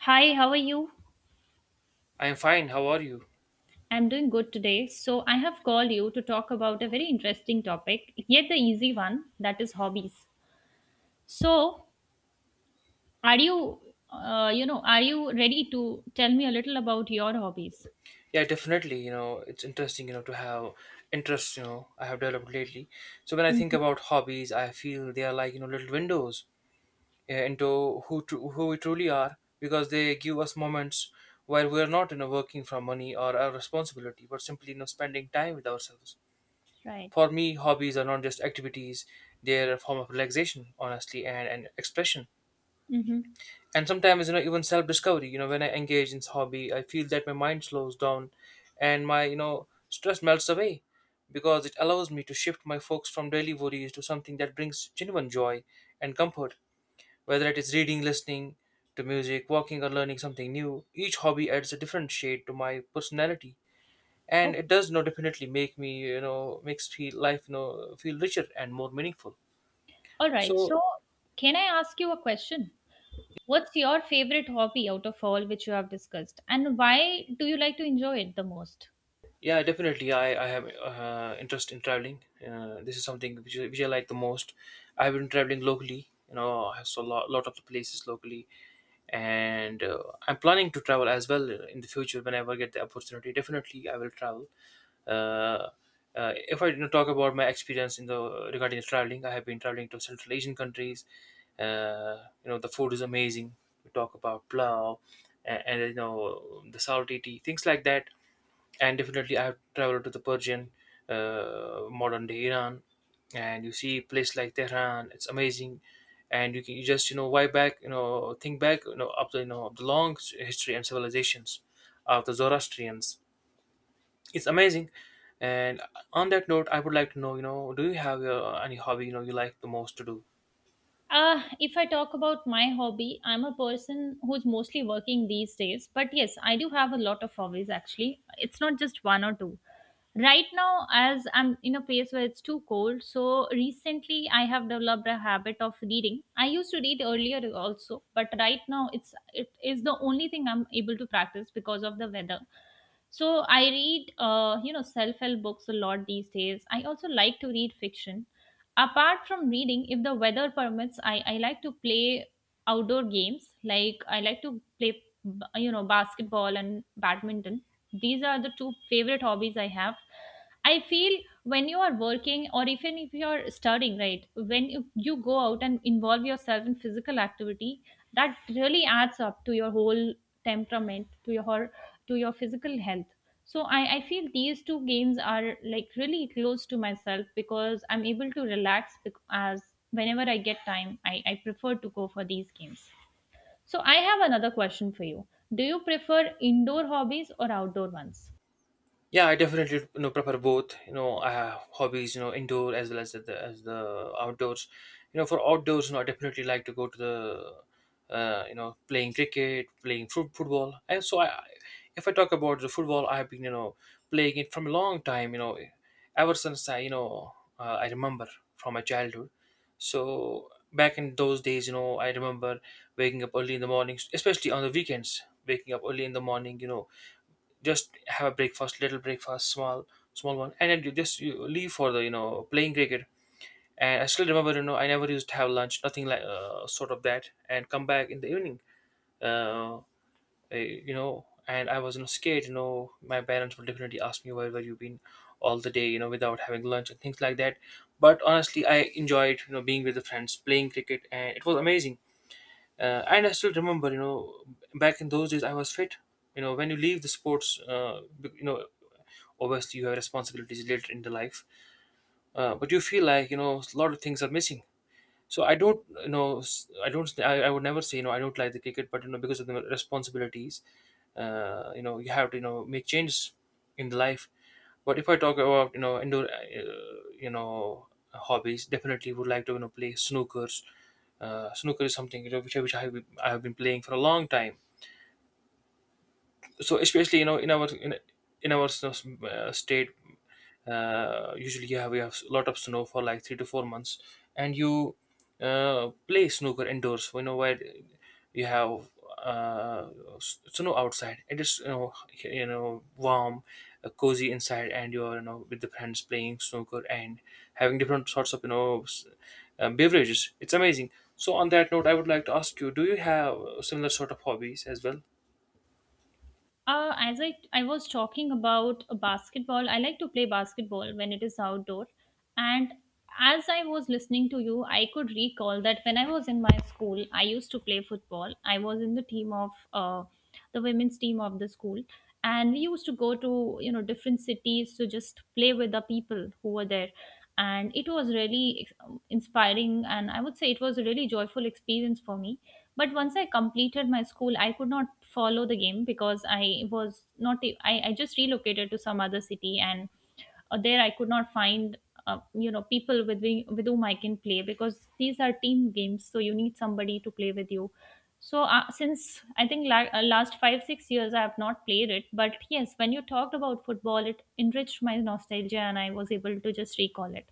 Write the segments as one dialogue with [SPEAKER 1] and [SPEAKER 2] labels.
[SPEAKER 1] Hi, how are you?
[SPEAKER 2] I'm fine. How are you?
[SPEAKER 1] I'm doing good today. So, I have called you to talk about a very interesting topic, yet the easy one, that is hobbies. So, are you, are you ready to tell me a little about your hobbies?
[SPEAKER 2] Yeah, definitely. You know, it's interesting, to have interests, I have developed lately. So when I think
[SPEAKER 1] Mhm.
[SPEAKER 2] about hobbies, I feel they are like, you know, little windows into who we truly are because they give us moments where we are not, you know, working from money or our responsibility, but simply, you know, spending time with ourselves.
[SPEAKER 1] Right.
[SPEAKER 2] For me, hobbies are not just activities; they are a form of relaxation, honestly, and expression.
[SPEAKER 1] Mm-hmm.
[SPEAKER 2] And sometimes, you know, even self discovery. You know, when I engage in hobby, I feel that my mind slows down and my, you know, stress melts away because it allows me to shift my focus from daily worries to something that brings genuine joy and comfort, whether it is reading, listening to music, walking, or learning something new. Each hobby adds a different shade to my personality, and it
[SPEAKER 1] Okay.
[SPEAKER 2] does, you know, definitely make me, you know, makes feel life, you know, feel richer and more meaningful.
[SPEAKER 1] All right.
[SPEAKER 2] So
[SPEAKER 1] So, can I ask you a question? What's your favorite hobby out of all which you have discussed, and why do you like to enjoy it the most?
[SPEAKER 2] yeah, definitely. I have interest in traveling. This is something which I like the most. I've been traveling locally. You know, I saw a lot of the places locally, and I'm planning to travel as well in the future whenever I get the opportunity. Definitely, I will travel. Uh, if I, you know, talk about my experience in the regarding the traveling, I have been traveling to Central Asian countries. You know, the food is amazing. We talk about plow and you know, the salty tea, things like that, and definitely I've traveled to the Persian, modern day Iran, and you see a place like Tehran. It's amazing, and you can you just, you know, why back, you know, think back, you know, up the, you know, of the long history and civilizations of the Zoroastrians. It's amazing. And on that note, I would like to know, you know, do you have any hobby, you know, you like the most to do?
[SPEAKER 1] If I talk about my hobby, I'm a person who's mostly working these days. But yes, I do have a lot of hobbies actually. It's not just one or two. Right now, as I'm in a place where it's too cold, so recently I have developed a habit of reading. I used to read earlier also, but right now it is the only thing I'm able to practice because of the weather. So I read, self-help books a lot these days. I also like to read fiction. Apart from reading, if the weather permits, I like to play outdoor games. Like I like to play, basketball and badminton. These are the two favorite hobbies I have. I feel when you are working or even if you are studying, right, when you go out and involve yourself in physical activity, that really adds up to your whole temperament, to your physical health. So I feel these two games are like really close to myself because I'm able to as whenever I get time, I prefer to go for these games. So I have another question for you. Do you prefer indoor hobbies or outdoor ones?
[SPEAKER 2] Yeah, I definitely, you know, prefer both. You know, I have hobbies. You know, indoor as well as the outdoors. You know, for outdoors, you know, I definitely like to go to the, you know, playing cricket, playing football. And so, if I talk about the football, I have been, you know, playing it from a long time. You know, ever since I, you know, I remember from my childhood. So back in those days, you know, I remember waking up early in the mornings, especially on the weekends. Waking up early in the morning, you know, just have a breakfast, little breakfast, small one, and then you leave for the, you know, playing cricket. And I still remember, you know, I never used to have lunch, nothing like sort of that, and come back in the evening, uh, you know. And I was, you know, scared. You know, my parents would definitely ask me where were you been all the day, you know, without having lunch and things like that. But honestly, I enjoyed, you know, being with the friends, playing cricket, and it was amazing, and I still remember, you know, back in those days I was fit. You know, when you leave the sports, you know, obviously you have responsibilities later in the life, but you feel like, you know, a lot of things are missing. So I don't, you know, I don't, I would never say, you know, I don't like the cricket, but you know, because of the responsibilities, you know, you have to, you know, make changes in the life. But if I talk about, you know, indoor, you know, hobbies, definitely would like to, you know, play snookers. Snooker is something, you know, which I have, I have been playing for a long time. So especially, you know, in our state, usually you have we have a lot of snow for like 3 to 4 months, and you play snooker indoors, you know, where you have uh, snow outside. It is, you know, you know, warm, cozy inside, and you're, you know, with the friends playing snooker and having different sorts of, you know, beverages. It's amazing. So on that note, I would like to ask you, do you have similar sort of hobbies as well?
[SPEAKER 1] As I was talking about a basketball, I like to play basketball when it is outdoor. And as I was listening to you, I could recall that when I was in my school, I used to play football. I was in the team of the women's team of the school, and we used to go to you know different cities to just play with the people who were there. And it was really inspiring, and I would say it was a really joyful experience for me, but once I completed my school, I could not follow the game because I was not. I just relocated to some other city, and there I could not find, people with whom I can play because these are team games. So you need somebody to play with you. So since I think last five, 6 years, I have not played it. But yes, when you talked about football, it enriched my nostalgia and I was able to just recall it.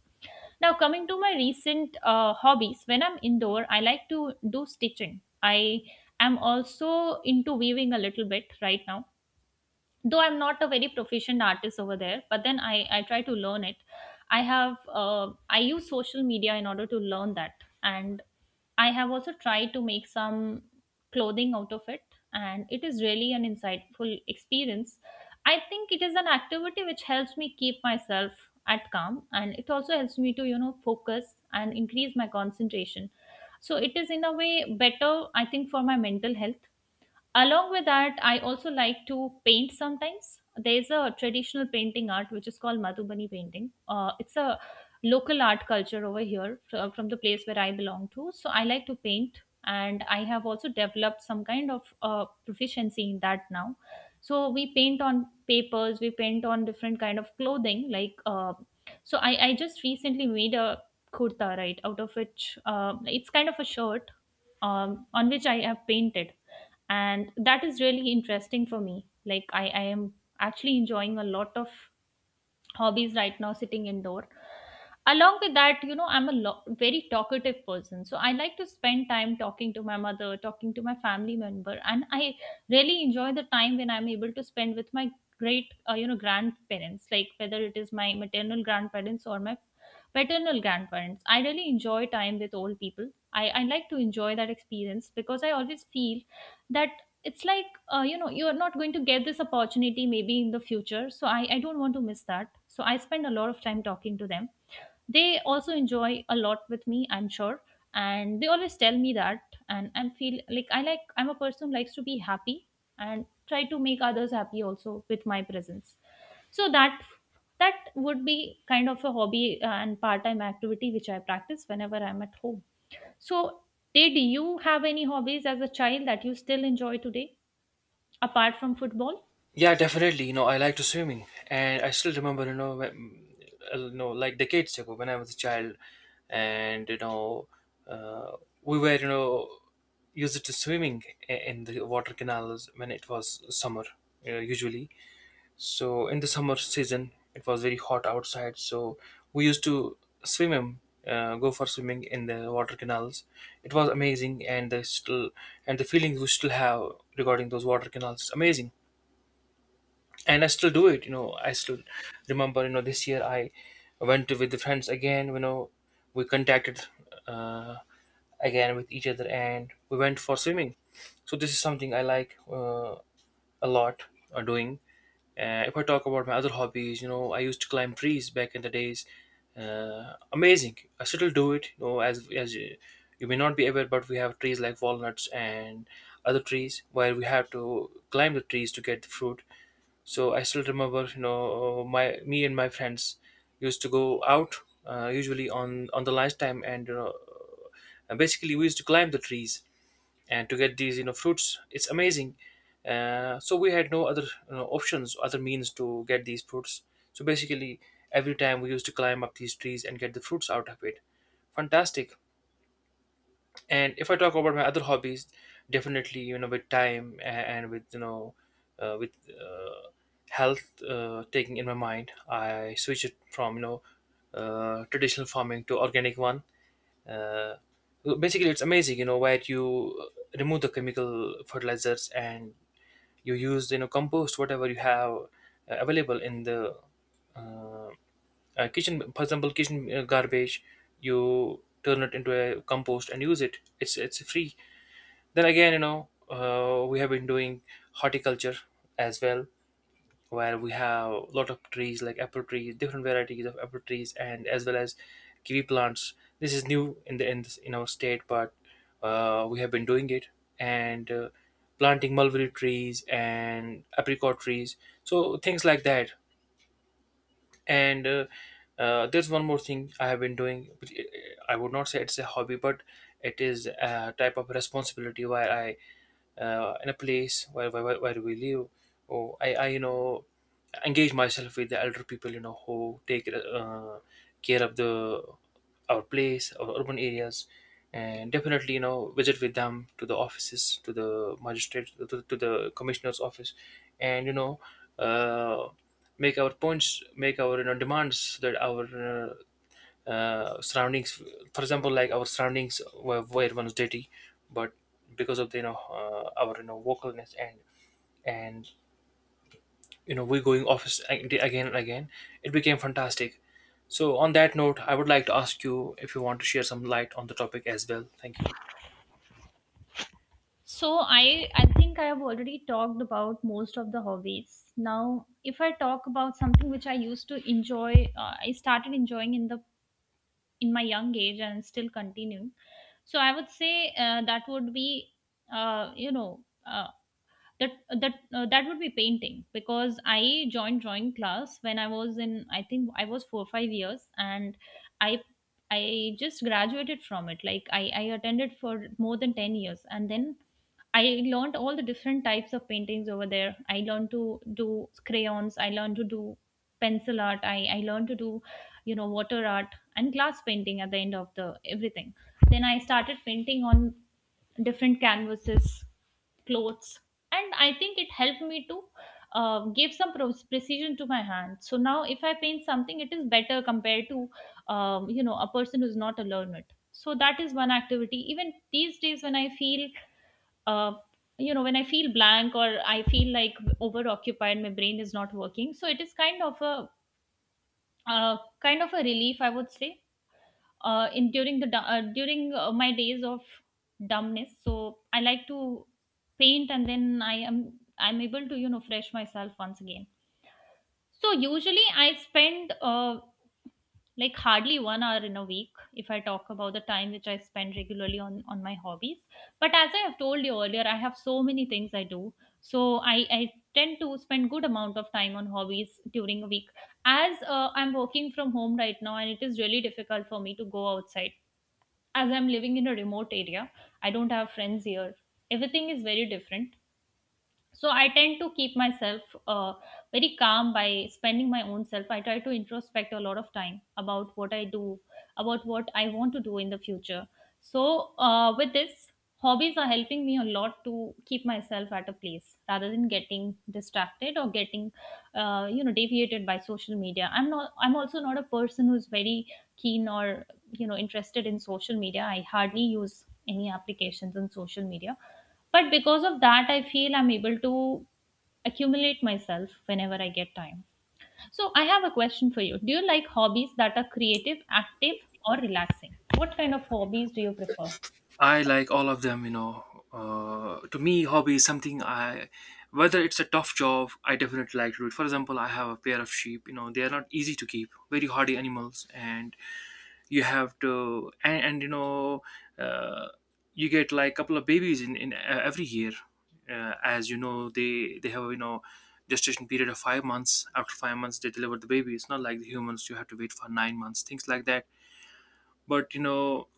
[SPEAKER 1] Now, coming to my recent hobbies, when I'm indoor, I like to do stitching. I am also into weaving a little bit right now, though I'm not a very proficient artist over there, but then I try to learn it. I have I use social media in order to learn that, and I have also tried to make some clothing out of it, and it is really an insightful experience. I think it is an activity which helps me keep myself at calm, and it also helps me to you know focus and increase my concentration. So it is in a way better I think for my mental health. Along with that, I also like to paint sometimes. There's a traditional painting art which is called Madhubani painting. It's a local art culture over here from the place where I belong to. So I like to paint and I have also developed some kind of proficiency in that now. So we paint on papers, we paint on different kind of clothing like so I just recently made a kurta right, out of which it's kind of a shirt, on which I have painted, and that is really interesting for me. Like I am actually enjoying a lot of hobbies right now sitting indoor. Along with that, you know, I'm a very talkative person, so I like to spend time talking to my mother, talking to my family member, and I really enjoy the time when I'm able to spend with my great you know grandparents, like whether it is my maternal grandparents or my paternal grandparents. I really enjoy time with old people. I like to enjoy that experience because I always feel that it's like you know, you're not going to get this opportunity maybe in the future, so I don't want to miss that. So I spend a lot of time talking to them. They also enjoy a lot with me, I'm sure, and they always tell me that. And I feel like I'm a person who likes to be happy and try to make others happy also with my presence. So that, that would be kind of a hobby and part-time activity which I practice whenever I'm at home. So, did you have any hobbies as a child that you still enjoy today apart from football?
[SPEAKER 2] Yeah, definitely. You know, I like to swimming, and I still remember, you know, when, you know, like decades ago when I was a child, and you know, uh, we were, you know, used to swimming in the water canals when it was summer, usually. So in the summer season, it was very hot outside, so we used to swim, go for swimming in the water canals. It was amazing, and the feelings we still have regarding those water canals, it's amazing, and I still do it. You know, I still remember. You know, this year I went with the friends again. You know, we contacted, uh, again, with each other, and we went for swimming. So this is something I like, a lot, doing. If I talk about my other hobbies, you know, I used to climb trees back in the days. Amazing. I still do it. You know, you may not be aware, but we have trees like walnuts and other trees where we have to climb the trees to get the fruit. So I still remember, you know, my me and my friends used to go out, usually on the lunchtime, and you know, and basically we used to climb the trees and to get these, you know, fruits. It's amazing. So we had no other, you know, options, other means to get these fruits. So basically, every time we used to climb up these trees and get the fruits out of it. Fantastic. And if I talk about my other hobbies, definitely, you know, with time, and with, you know, with health, taking in my mind, I switch it from, you know, traditional farming to organic one. Uh, basically it's amazing, you know, where you remove the chemical fertilizers and you use, you know, compost, whatever you have available in the uh, kitchen. For example, kitchen, garbage, you turn it into a compost and use it. It's free. Then again, you know, we have been doing horticulture as well, where we have a lot of trees like apple trees, different varieties of apple trees, and as well as kiwi plants. This is new in the in our state, but we have been doing it, and planting mulberry trees and apricot trees, so things like that. And There's one more thing I have been doing, which I would not say it's a hobby, but it is a type of responsibility where I, in a place where we live, or I you know, engage myself with the elder people, you know, who take care of the our place, our urban areas, and definitely, you know, visit with them to the offices, to the magistrate, to the commissioner's office, and you know, uh, make our points, make our, you know, demands that our uh, surroundings, for example, like our surroundings were once dirty, but because of the, you know, our, you know, vocalness and you know, we're going office again and again, it became fantastic. So on that note, I would like to ask you, if you want to share some light on the topic as well. Thank you.
[SPEAKER 1] So, I think I have already talked about most of the hobbies. Now, if I talk about something which I used to enjoy, I started enjoying in the in my young age and still continuing. So I would say that would be, you know, uh, that that that would be painting, because I joined drawing class when I was in I think I was 4 or 5 years, and I I just graduated from it. Like I attended for more than 10 years, and then I learned all the different types of paintings over there. I learned to do crayons. I learned to do pencil art. I learned to do you know water art and glass painting at the end of the everything. Then I started painting on different canvases, clothes, and I think it helped me to give some precision to my hand. So now if I paint something it is better compared to you know a person who's not a learner. So that is one activity. Even these days when I feel uh, you know when I feel blank, or I feel like over occupied, my brain is not working, so it is uh, kind of a relief I would say, in during the du- during my days of dumbness. So I like to paint, and then I'm able to you know fresh myself once again. So usually I spend like hardly one hour in a week, if I talk about the time which I spend regularly on my hobbies. But as I have told you earlier, I have so many things I do. So I tend to spend good amount of time on hobbies during a week, as I'm working from home right now and it is really difficult for me to go outside. As I'm living in a remote area, I don't have friends here. Everything is very different. So I tend to keep myself uh, very calm by spending my own self. I try to introspect a lot of time about what I do, about what I want to do in the future. So with this, hobbies are helping me a lot to keep myself at a place rather than getting distracted or getting you know deviated by social media. I'm also not a person who's very keen or you know interested in social media. I hardly use any applications on social media, but because of that I feel I'm able to accumulate myself whenever I get time. So I have a question for you: do you like hobbies that are creative, active, or relaxing? What kind of hobbies do you prefer?
[SPEAKER 2] I like all of them. You know, to me, hobby is something I, whether it's a tough job, I definitely like to do it. For example, I have a pair of sheep. You know, they are not easy to keep, very hardy animals, and you have to, and you know, uh, you get like a couple of babies in every year. Uh, as you know, they have, you know, gestation period of 5 months. After 5 months, they deliver the baby. It's not like the humans. You have to wait for 9 months, things like that. But you know,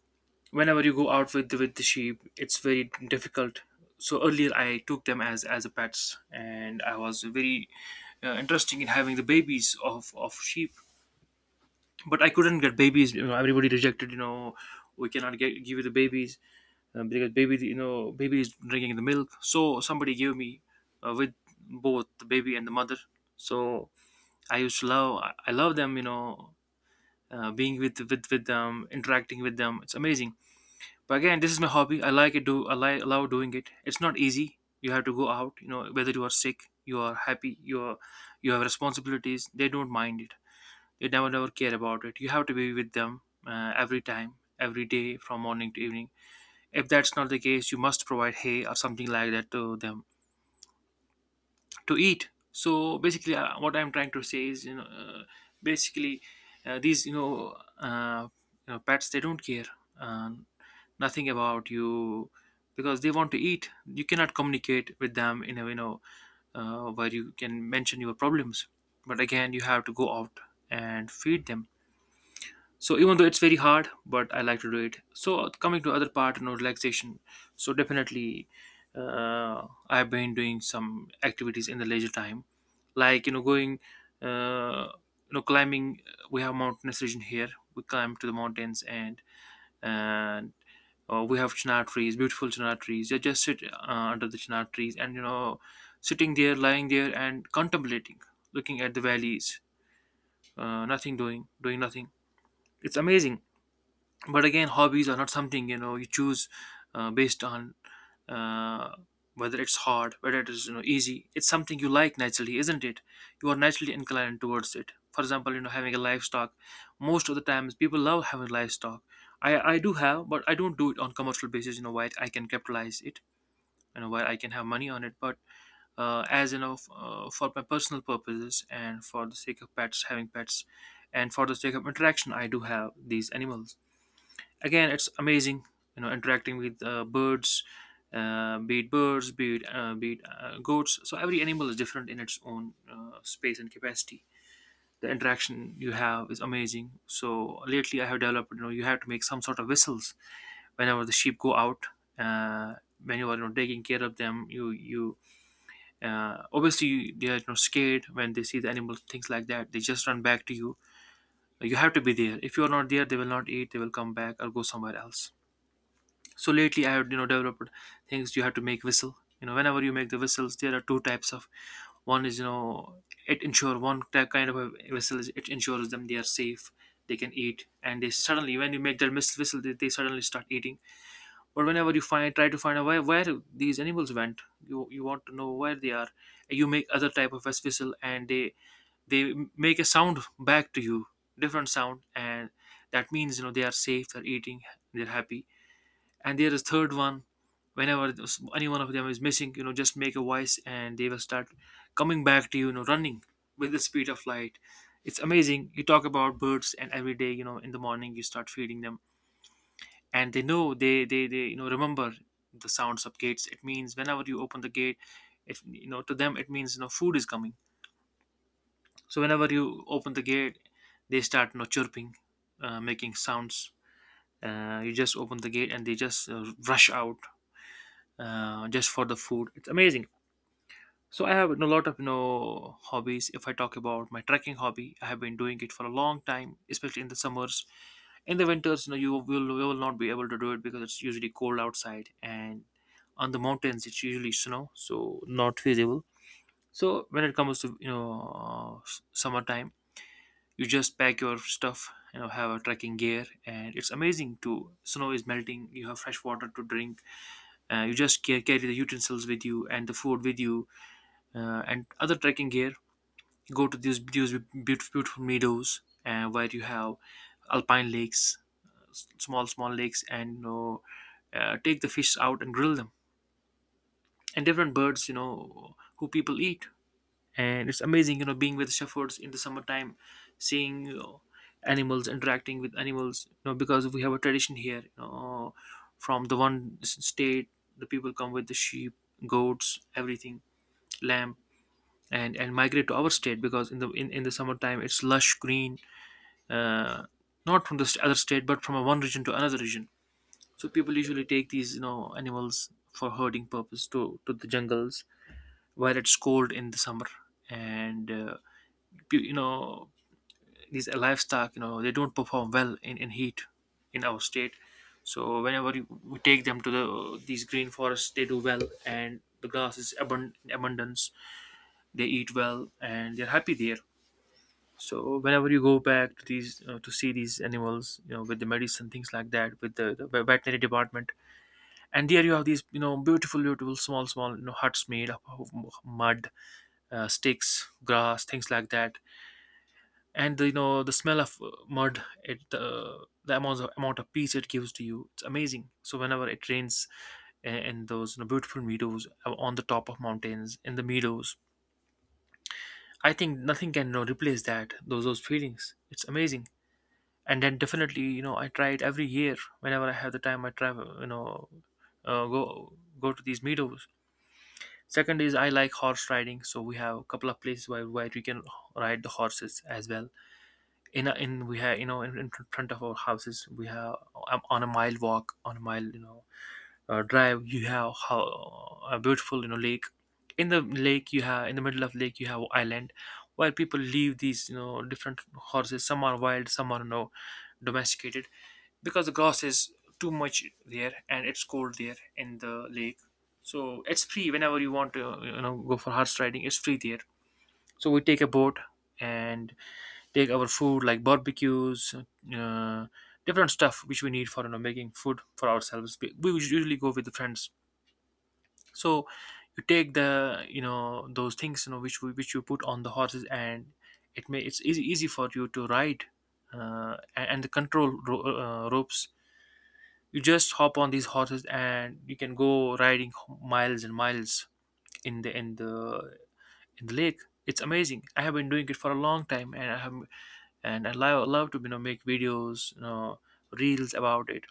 [SPEAKER 2] whenever you go out with with the sheep, it's very difficult. So earlier I took them as a pets, and I was very interested in having the babies of sheep, but I couldn't get babies. You know, everybody rejected. We cannot get give you the babies, because baby is drinking the milk. So somebody gave me with both the baby and the mother. So I used to love. I love them. Being with them, interacting with them. It's amazing. But again, this is my hobby. I like it. Do I love doing it? It's not easy. You have to go out. Whether you are sick, you are happy, you have responsibilities. They don't mind it. You never care about it. You have to be with them every time, every day, from morning to evening. If that's not the case, you must provide hay or something like that to them to eat. So basically, what I'm trying to say is, basically, these, uh, pets, they don't care, uh, nothing about you, because they want to eat. You cannot communicate with them in a, where you can mention your problems. But again, you have to go out and feed them. So even though it's very hard, but I like to do it. So coming to other part, relaxation. So definitely, I've been doing some activities in the leisure time, like going, uh, climbing. We have mountainous region here. We climb to the mountains, and we have chinar trees, beautiful chinar trees. You just sit under the chinar trees, and you know sitting there, lying there, and contemplating, looking at the valleys. Nothing, doing nothing. It's amazing. But again, hobbies are not something, you choose, based on, uh, whether it's hard, whether it is, easy. It's something you like naturally, isn't it? You are naturally inclined towards it. For example, having a livestock, most of the times people love having livestock. I do have, but I don't do it on commercial basis, why I can capitalize it, why I can have money on it. But as you know, for my personal purposes, and for the sake of pets, having pets, and for the sake of interaction, I do have these animals. Again, it's amazing, interacting with birds. Be it birds, be it goats, so every animal is different in its own space and capacity. The interaction you have is amazing. So lately I have developed, you have to make some sort of whistles whenever the sheep go out. Uh, when you are, taking care of them, you obviously, they are, scared when they see the animal, things like that, they just run back to you. You have to be there. If you are not there, they will not eat. They will come back or go somewhere else. So lately I have, developed things. You have to make whistle. Whenever you make the whistles, there are two types of. One is, it ensure, one type, kind of a whistle is, it ensures them they are safe, they can eat. And they suddenly, when you make that whistle, they suddenly start eating. But whenever you find try to find out where these animals went, you want to know where they are. You make other type of whistle, and they make a sound back to you, different sound, and that means, they are safe, they're eating, they're happy. And there is third one. Whenever any one of them is missing, just make a voice, and they will start coming back to you, you know running with the speed of light. It's amazing. You talk about birds, and every day, in the morning, you start feeding them. And they know, they remember the sounds of gates. It means, whenever you open the gate, it you know to them it means, food is coming. So whenever you open the gate, they start, chirping, making sounds. You just open the gate and they just rush out, just for the food. It's amazing. So I have a lot of hobbies. If I talk about my trekking hobby, I have been doing it for a long time, especially in the summers. In the winters, you will not be able to do it, because it's usually cold outside, and on the mountains it's usually snow, so not feasible. So when it comes to, summertime, you just pack your stuff, have a trekking gear, and it's amazing. To snow is melting, you have fresh water to drink. You just carry the utensils with you and the food with you, and other trekking gear. Go to these beautiful, beautiful meadows, where you have alpine lakes, small, small lakes, and, take the fish out and grill them. And different birds, who people eat. And it's amazing, being with shepherds in the summertime, seeing, animals interacting with animals, because we have a tradition here, from the one state. The people come with the sheep, goats, everything, lamb, and migrate to our state, because in the summertime it's lush green. uh, Not from the other state, but from a one region to another region. So people usually take these, animals, for herding purpose, to the jungles, where it's cold in the summer. And you know these livestock, they don't perform well in heat in our state. So whenever we take them to these green forests, they do well, and the grass is in abundance. They eat well, and they're happy there. So whenever you go back to these, to see these animals, with the medicine, things like that, with the veterinary department. And there you have these, beautiful, beautiful, small, small, huts made up of mud, sticks, grass, things like that. And the, you know the smell of mud, it the amount of peace it gives to you, it's amazing. So whenever it rains, in those, beautiful meadows, on the top of mountains, in the meadows, I think nothing can, replace that those feelings. It's amazing. And then definitely, I try it every year. Whenever I have the time, I travel, go, to these meadows. Second is, I like horse riding. So we have a couple of places where we can ride the horses as well. In a, in we have In front of our houses we have, on a mile walk, on a mile, drive, you have how a beautiful, lake. In the lake you have, in the middle of lake you have island, where people leave these, different horses, some are wild, some are, domesticated, because the grass is too much there, and it's cold there in the lake. So it's free, whenever you want to, go for horse riding, it's free there. So we take a boat, and take our food like barbecues, uh, different stuff which we need for, making food for ourselves. We usually go with the friends. So you take the, those things, which you put on the horses, and it's easy, easy for you to ride, and the control ropes. You just hop on these horses, and you can go riding miles and miles, in the in the in the lake. It's amazing. I have been doing it for a long time, and I love, love to, make videos, reels about it.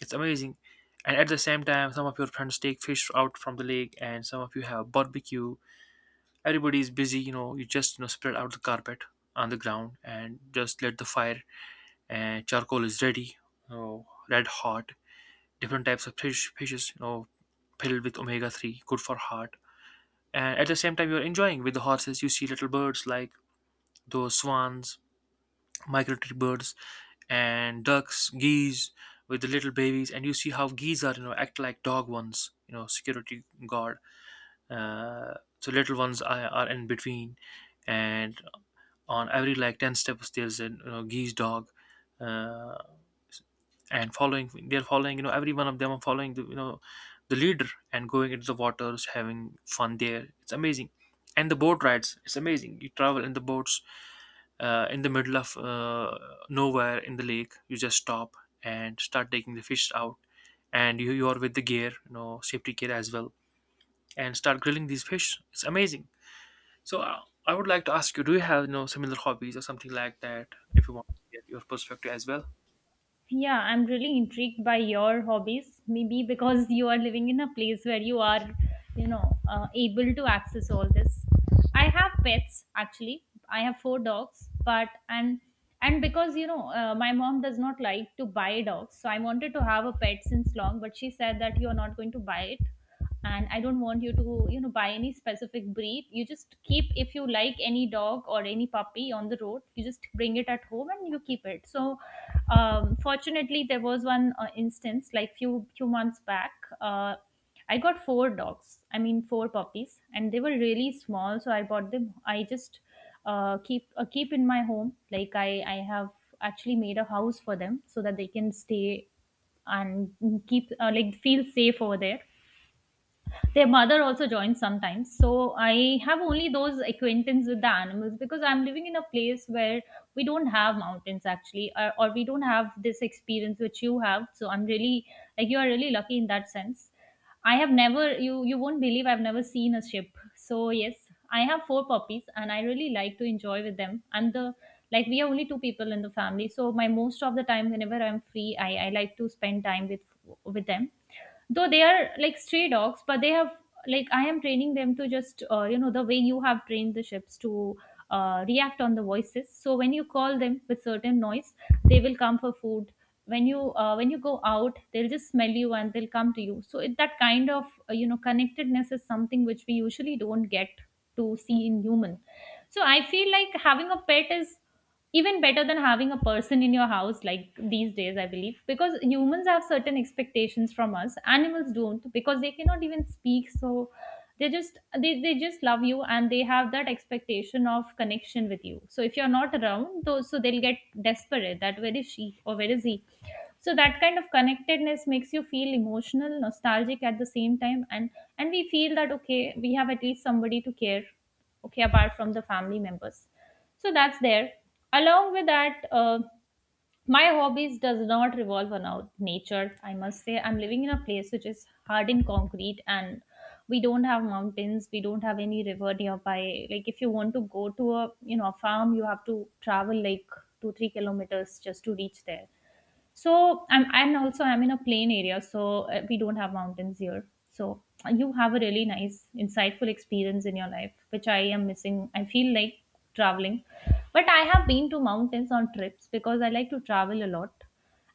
[SPEAKER 2] It's amazing. And at the same time, some of your friends take fish out from the lake, and some of you have barbecue. Everybody is busy. You just spread out the carpet on the ground, and just let the fire and charcoal is ready, red hot. Different types of fishes, filled with omega-3, good for heart. And at the same time, you're enjoying with the horses. You see little birds like those swans, migratory birds and ducks, geese with the little babies, and you see how geese are, act like dog ones, security guard. So little ones are, in between, and on every like ten steps there's a, you know, geese dog, uh, and following they're following, you know, every one of them are following the you know the leader, and going into the waters having fun there. It's amazing, and the boat rides. It's amazing. You travel in the boats in the middle of, nowhere in the lake. You just stop and start taking the fish out, and you are with the gear, you know, safety gear as well, and start grilling these fish. It's amazing. So I would like to ask you, do you have, you know, similar hobbies or something like that? If you want to get your perspective as well.
[SPEAKER 1] Yeah, I'm really intrigued by your hobbies. Maybe because you are living in a place where you are, able to access all this. I have pets actually. I have four dogs, but and because you know my mom does not like to buy dogs, so I wanted to have a pet since long, but she said that you are not going to buy it, and I don't want you to you know buy any specific breed. You just keep, if you like any dog or any puppy on the road, you just bring it at home and you keep it. So fortunately there was one instance like few months back uh, I got four dogs, I mean four puppies, and they were really small, so I bought them. I just keep in my home. Like I have actually made a house for them so that they can stay and keep like feel safe over there. Their mother also joins sometimes. So I have only those acquaintance with the animals because I'm living in a place where we don't have mountains actually, or we don't have this experience which you have. So I'm really like you are really lucky in that sense. I have never, you won't believe, I've never seen a ship. So yes, I have four puppies and I really like to enjoy with them. And the like we are only two people in the family, so my most of the time whenever I'm free, I like to spend time with them, though they are like stray dogs. But they have like I am training them to just the way you have trained the ships to react on the voices. So when you call them with certain noise, they will come for food. When you when you go out, they'll just smell you and they'll come to you. So that kind of connectedness is something which we usually don't get to see in human. So I feel like having a pet is even better than having a person in your house like these days, I believe, because humans have certain expectations from us. Animals don't, because they cannot even speak. So they just they just love you and they have that expectation of connection with you. So if you're not around those, so they'll get desperate that where is she or where is he. So that kind of connectedness makes you feel emotional, nostalgic at the same time, and we feel that okay, we have at least somebody to care, okay, apart from the family members. So that's there. Along with that, my hobbies does not revolve around nature, I must say. I'm living in a place which is hard in concrete and we don't have mountains, we don't have any river nearby. Like if you want to go to a a farm, you have to travel like 2 3 kilometers just to reach there. So I'm and also I'm in a plain area, so we don't have mountains here. So you have a really nice, insightful experience in your life, which I am missing. I feel like traveling, but I have been to mountains on trips because I like to travel a lot,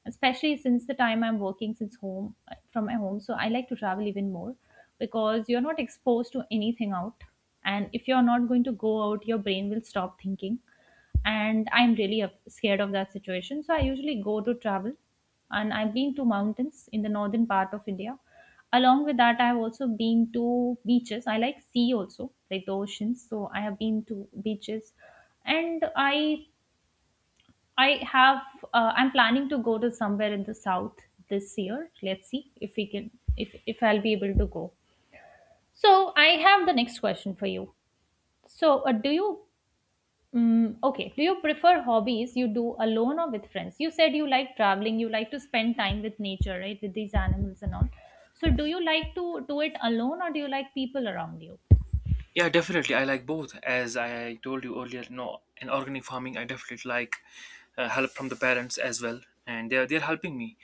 [SPEAKER 1] especially since the time I'm working since home from my home. So I like to travel even more because you're not exposed to anything out, and if you're not going to go out, your brain will stop thinking. And I'm really scared of that situation, so I usually go to travel. And I've been to mountains in the northern part of India. Along with that, I've also been to beaches. I like sea also, like the oceans, so I have been to beaches. And i have I'm planning to go to somewhere in the south this year. Let's see if we can, if I'll be able to go. So I have the next question for you. So okay. Do you prefer hobbies you do alone or with friends? You said you like traveling, you like to spend time with nature, right? With these animals and all. So, do you like to do it alone or do you like people around you?
[SPEAKER 2] Yeah, definitely I like both. As I told you earlier, no, in organic farming I definitely like, help from the parents as well, and they're helping me.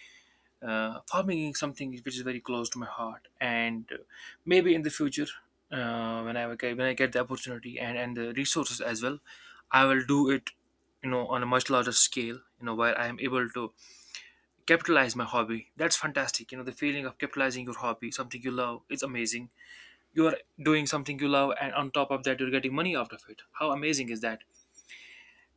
[SPEAKER 2] Uh, farming is something which is very close to my heart, and maybe in the future, when when I get the opportunity, and the resources as well, I will do it, you know, on a much larger scale, you know, where I am able to capitalize my hobby. That's fantastic, you know, the feeling of capitalizing your hobby, something you love, is amazing. You are doing something you love, and on top of that, you're getting money out of it. How amazing is that?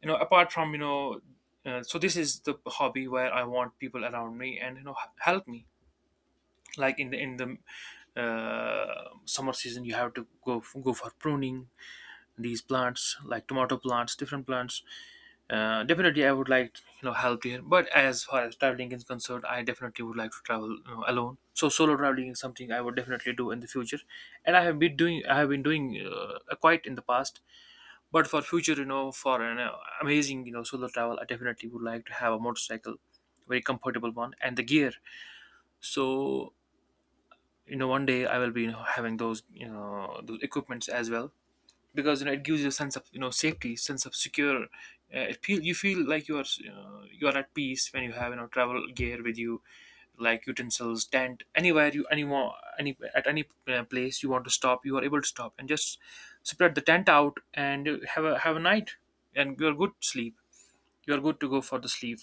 [SPEAKER 2] You know, apart from, so this is the hobby where I want people around me and, you know, help me, like in the summer season. You have to go go for pruning these plants, like tomato plants, different plants. Definitely I would like, you know, help here. But as far as traveling is concerned, I definitely would like to travel, you know, alone. So solo traveling is something I would definitely do in the future, and I have been doing, quite in the past. But for future, you know, for an amazing, you know, solo travel, I definitely would like to have a motorcycle, very comfortable one, and the gear. So, you know, one day I will be, you know, having those, you know, those equipments as well. Because, you know, it gives you a sense of, you know, safety, sense of secure. You feel like you are at peace when you have, you know, travel gear with you, like utensils, tent. Anywhere you anymore any At any place you want to stop, you are able to stop and just spread the tent out and have a night and you good sleep. You are good to go for the sleep.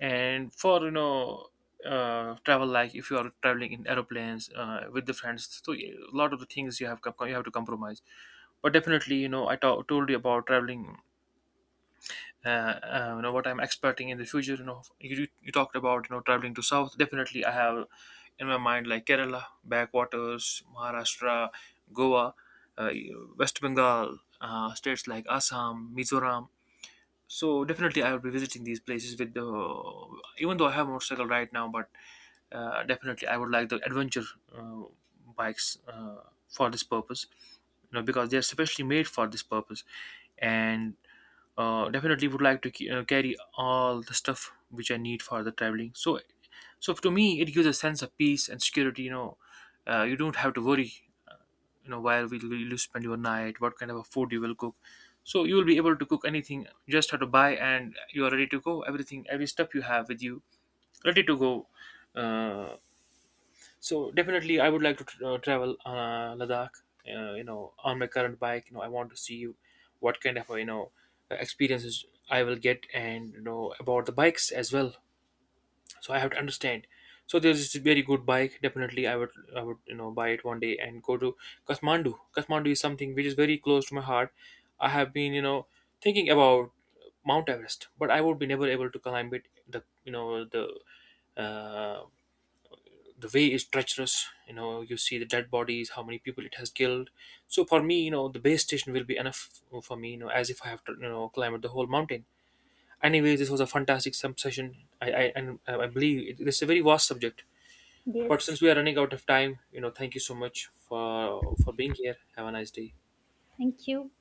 [SPEAKER 2] And for, you know, travel, like if you are traveling in aeroplanes with the friends, so yeah, a lot of the things you have you have to compromise. But definitely, you know, I told you about traveling, uh, you know what I'm expecting in the future. You know, you talked about, you know, traveling to south. Definitely I have in my mind, like Kerala backwaters, Maharashtra, Goa, uh, West Bengal, states like Assam, Mizoram. So definitely I will be visiting these places with the, even though I have a motorcycle right now. But definitely I would like the adventure uh, bikes, for this purpose, you know, because they're specially made for this purpose. And definitely would like to carry all the stuff which I need for the traveling. So, so to me it gives a sense of peace and security, you know. You don't have to worry, you know, where will you spend your night, what kind of a food you will cook. So you will be able to cook anything, just have to buy and you are ready to go. Everything, every step you have with you, ready to go. Uh, so definitely I would like to tr travel Ladakh, you know, on my current bike. You know, I want to see what kind of, you know, experiences I will get, and, you know, about the bikes as well. So I have to understand. So there's this very good bike. Definitely I would, you know, buy it one day and go to Kathmandu. Kathmandu is something which is very close to my heart. I have been, you know, thinking about Mount Everest, but I would be never able to climb it. the you know the uh, the way is treacherous. You know, you see the dead bodies, how many people it has killed. So for me, you know, the base station will be enough for me, you know. As if I have to, you know, climb the whole mountain. Anyway, this was a fantastic some session. I believe it's a very vast subject. But since
[SPEAKER 1] Yes,
[SPEAKER 2] we are running out of time, you know, thank you so much for being here. Have a nice day.
[SPEAKER 1] thank you.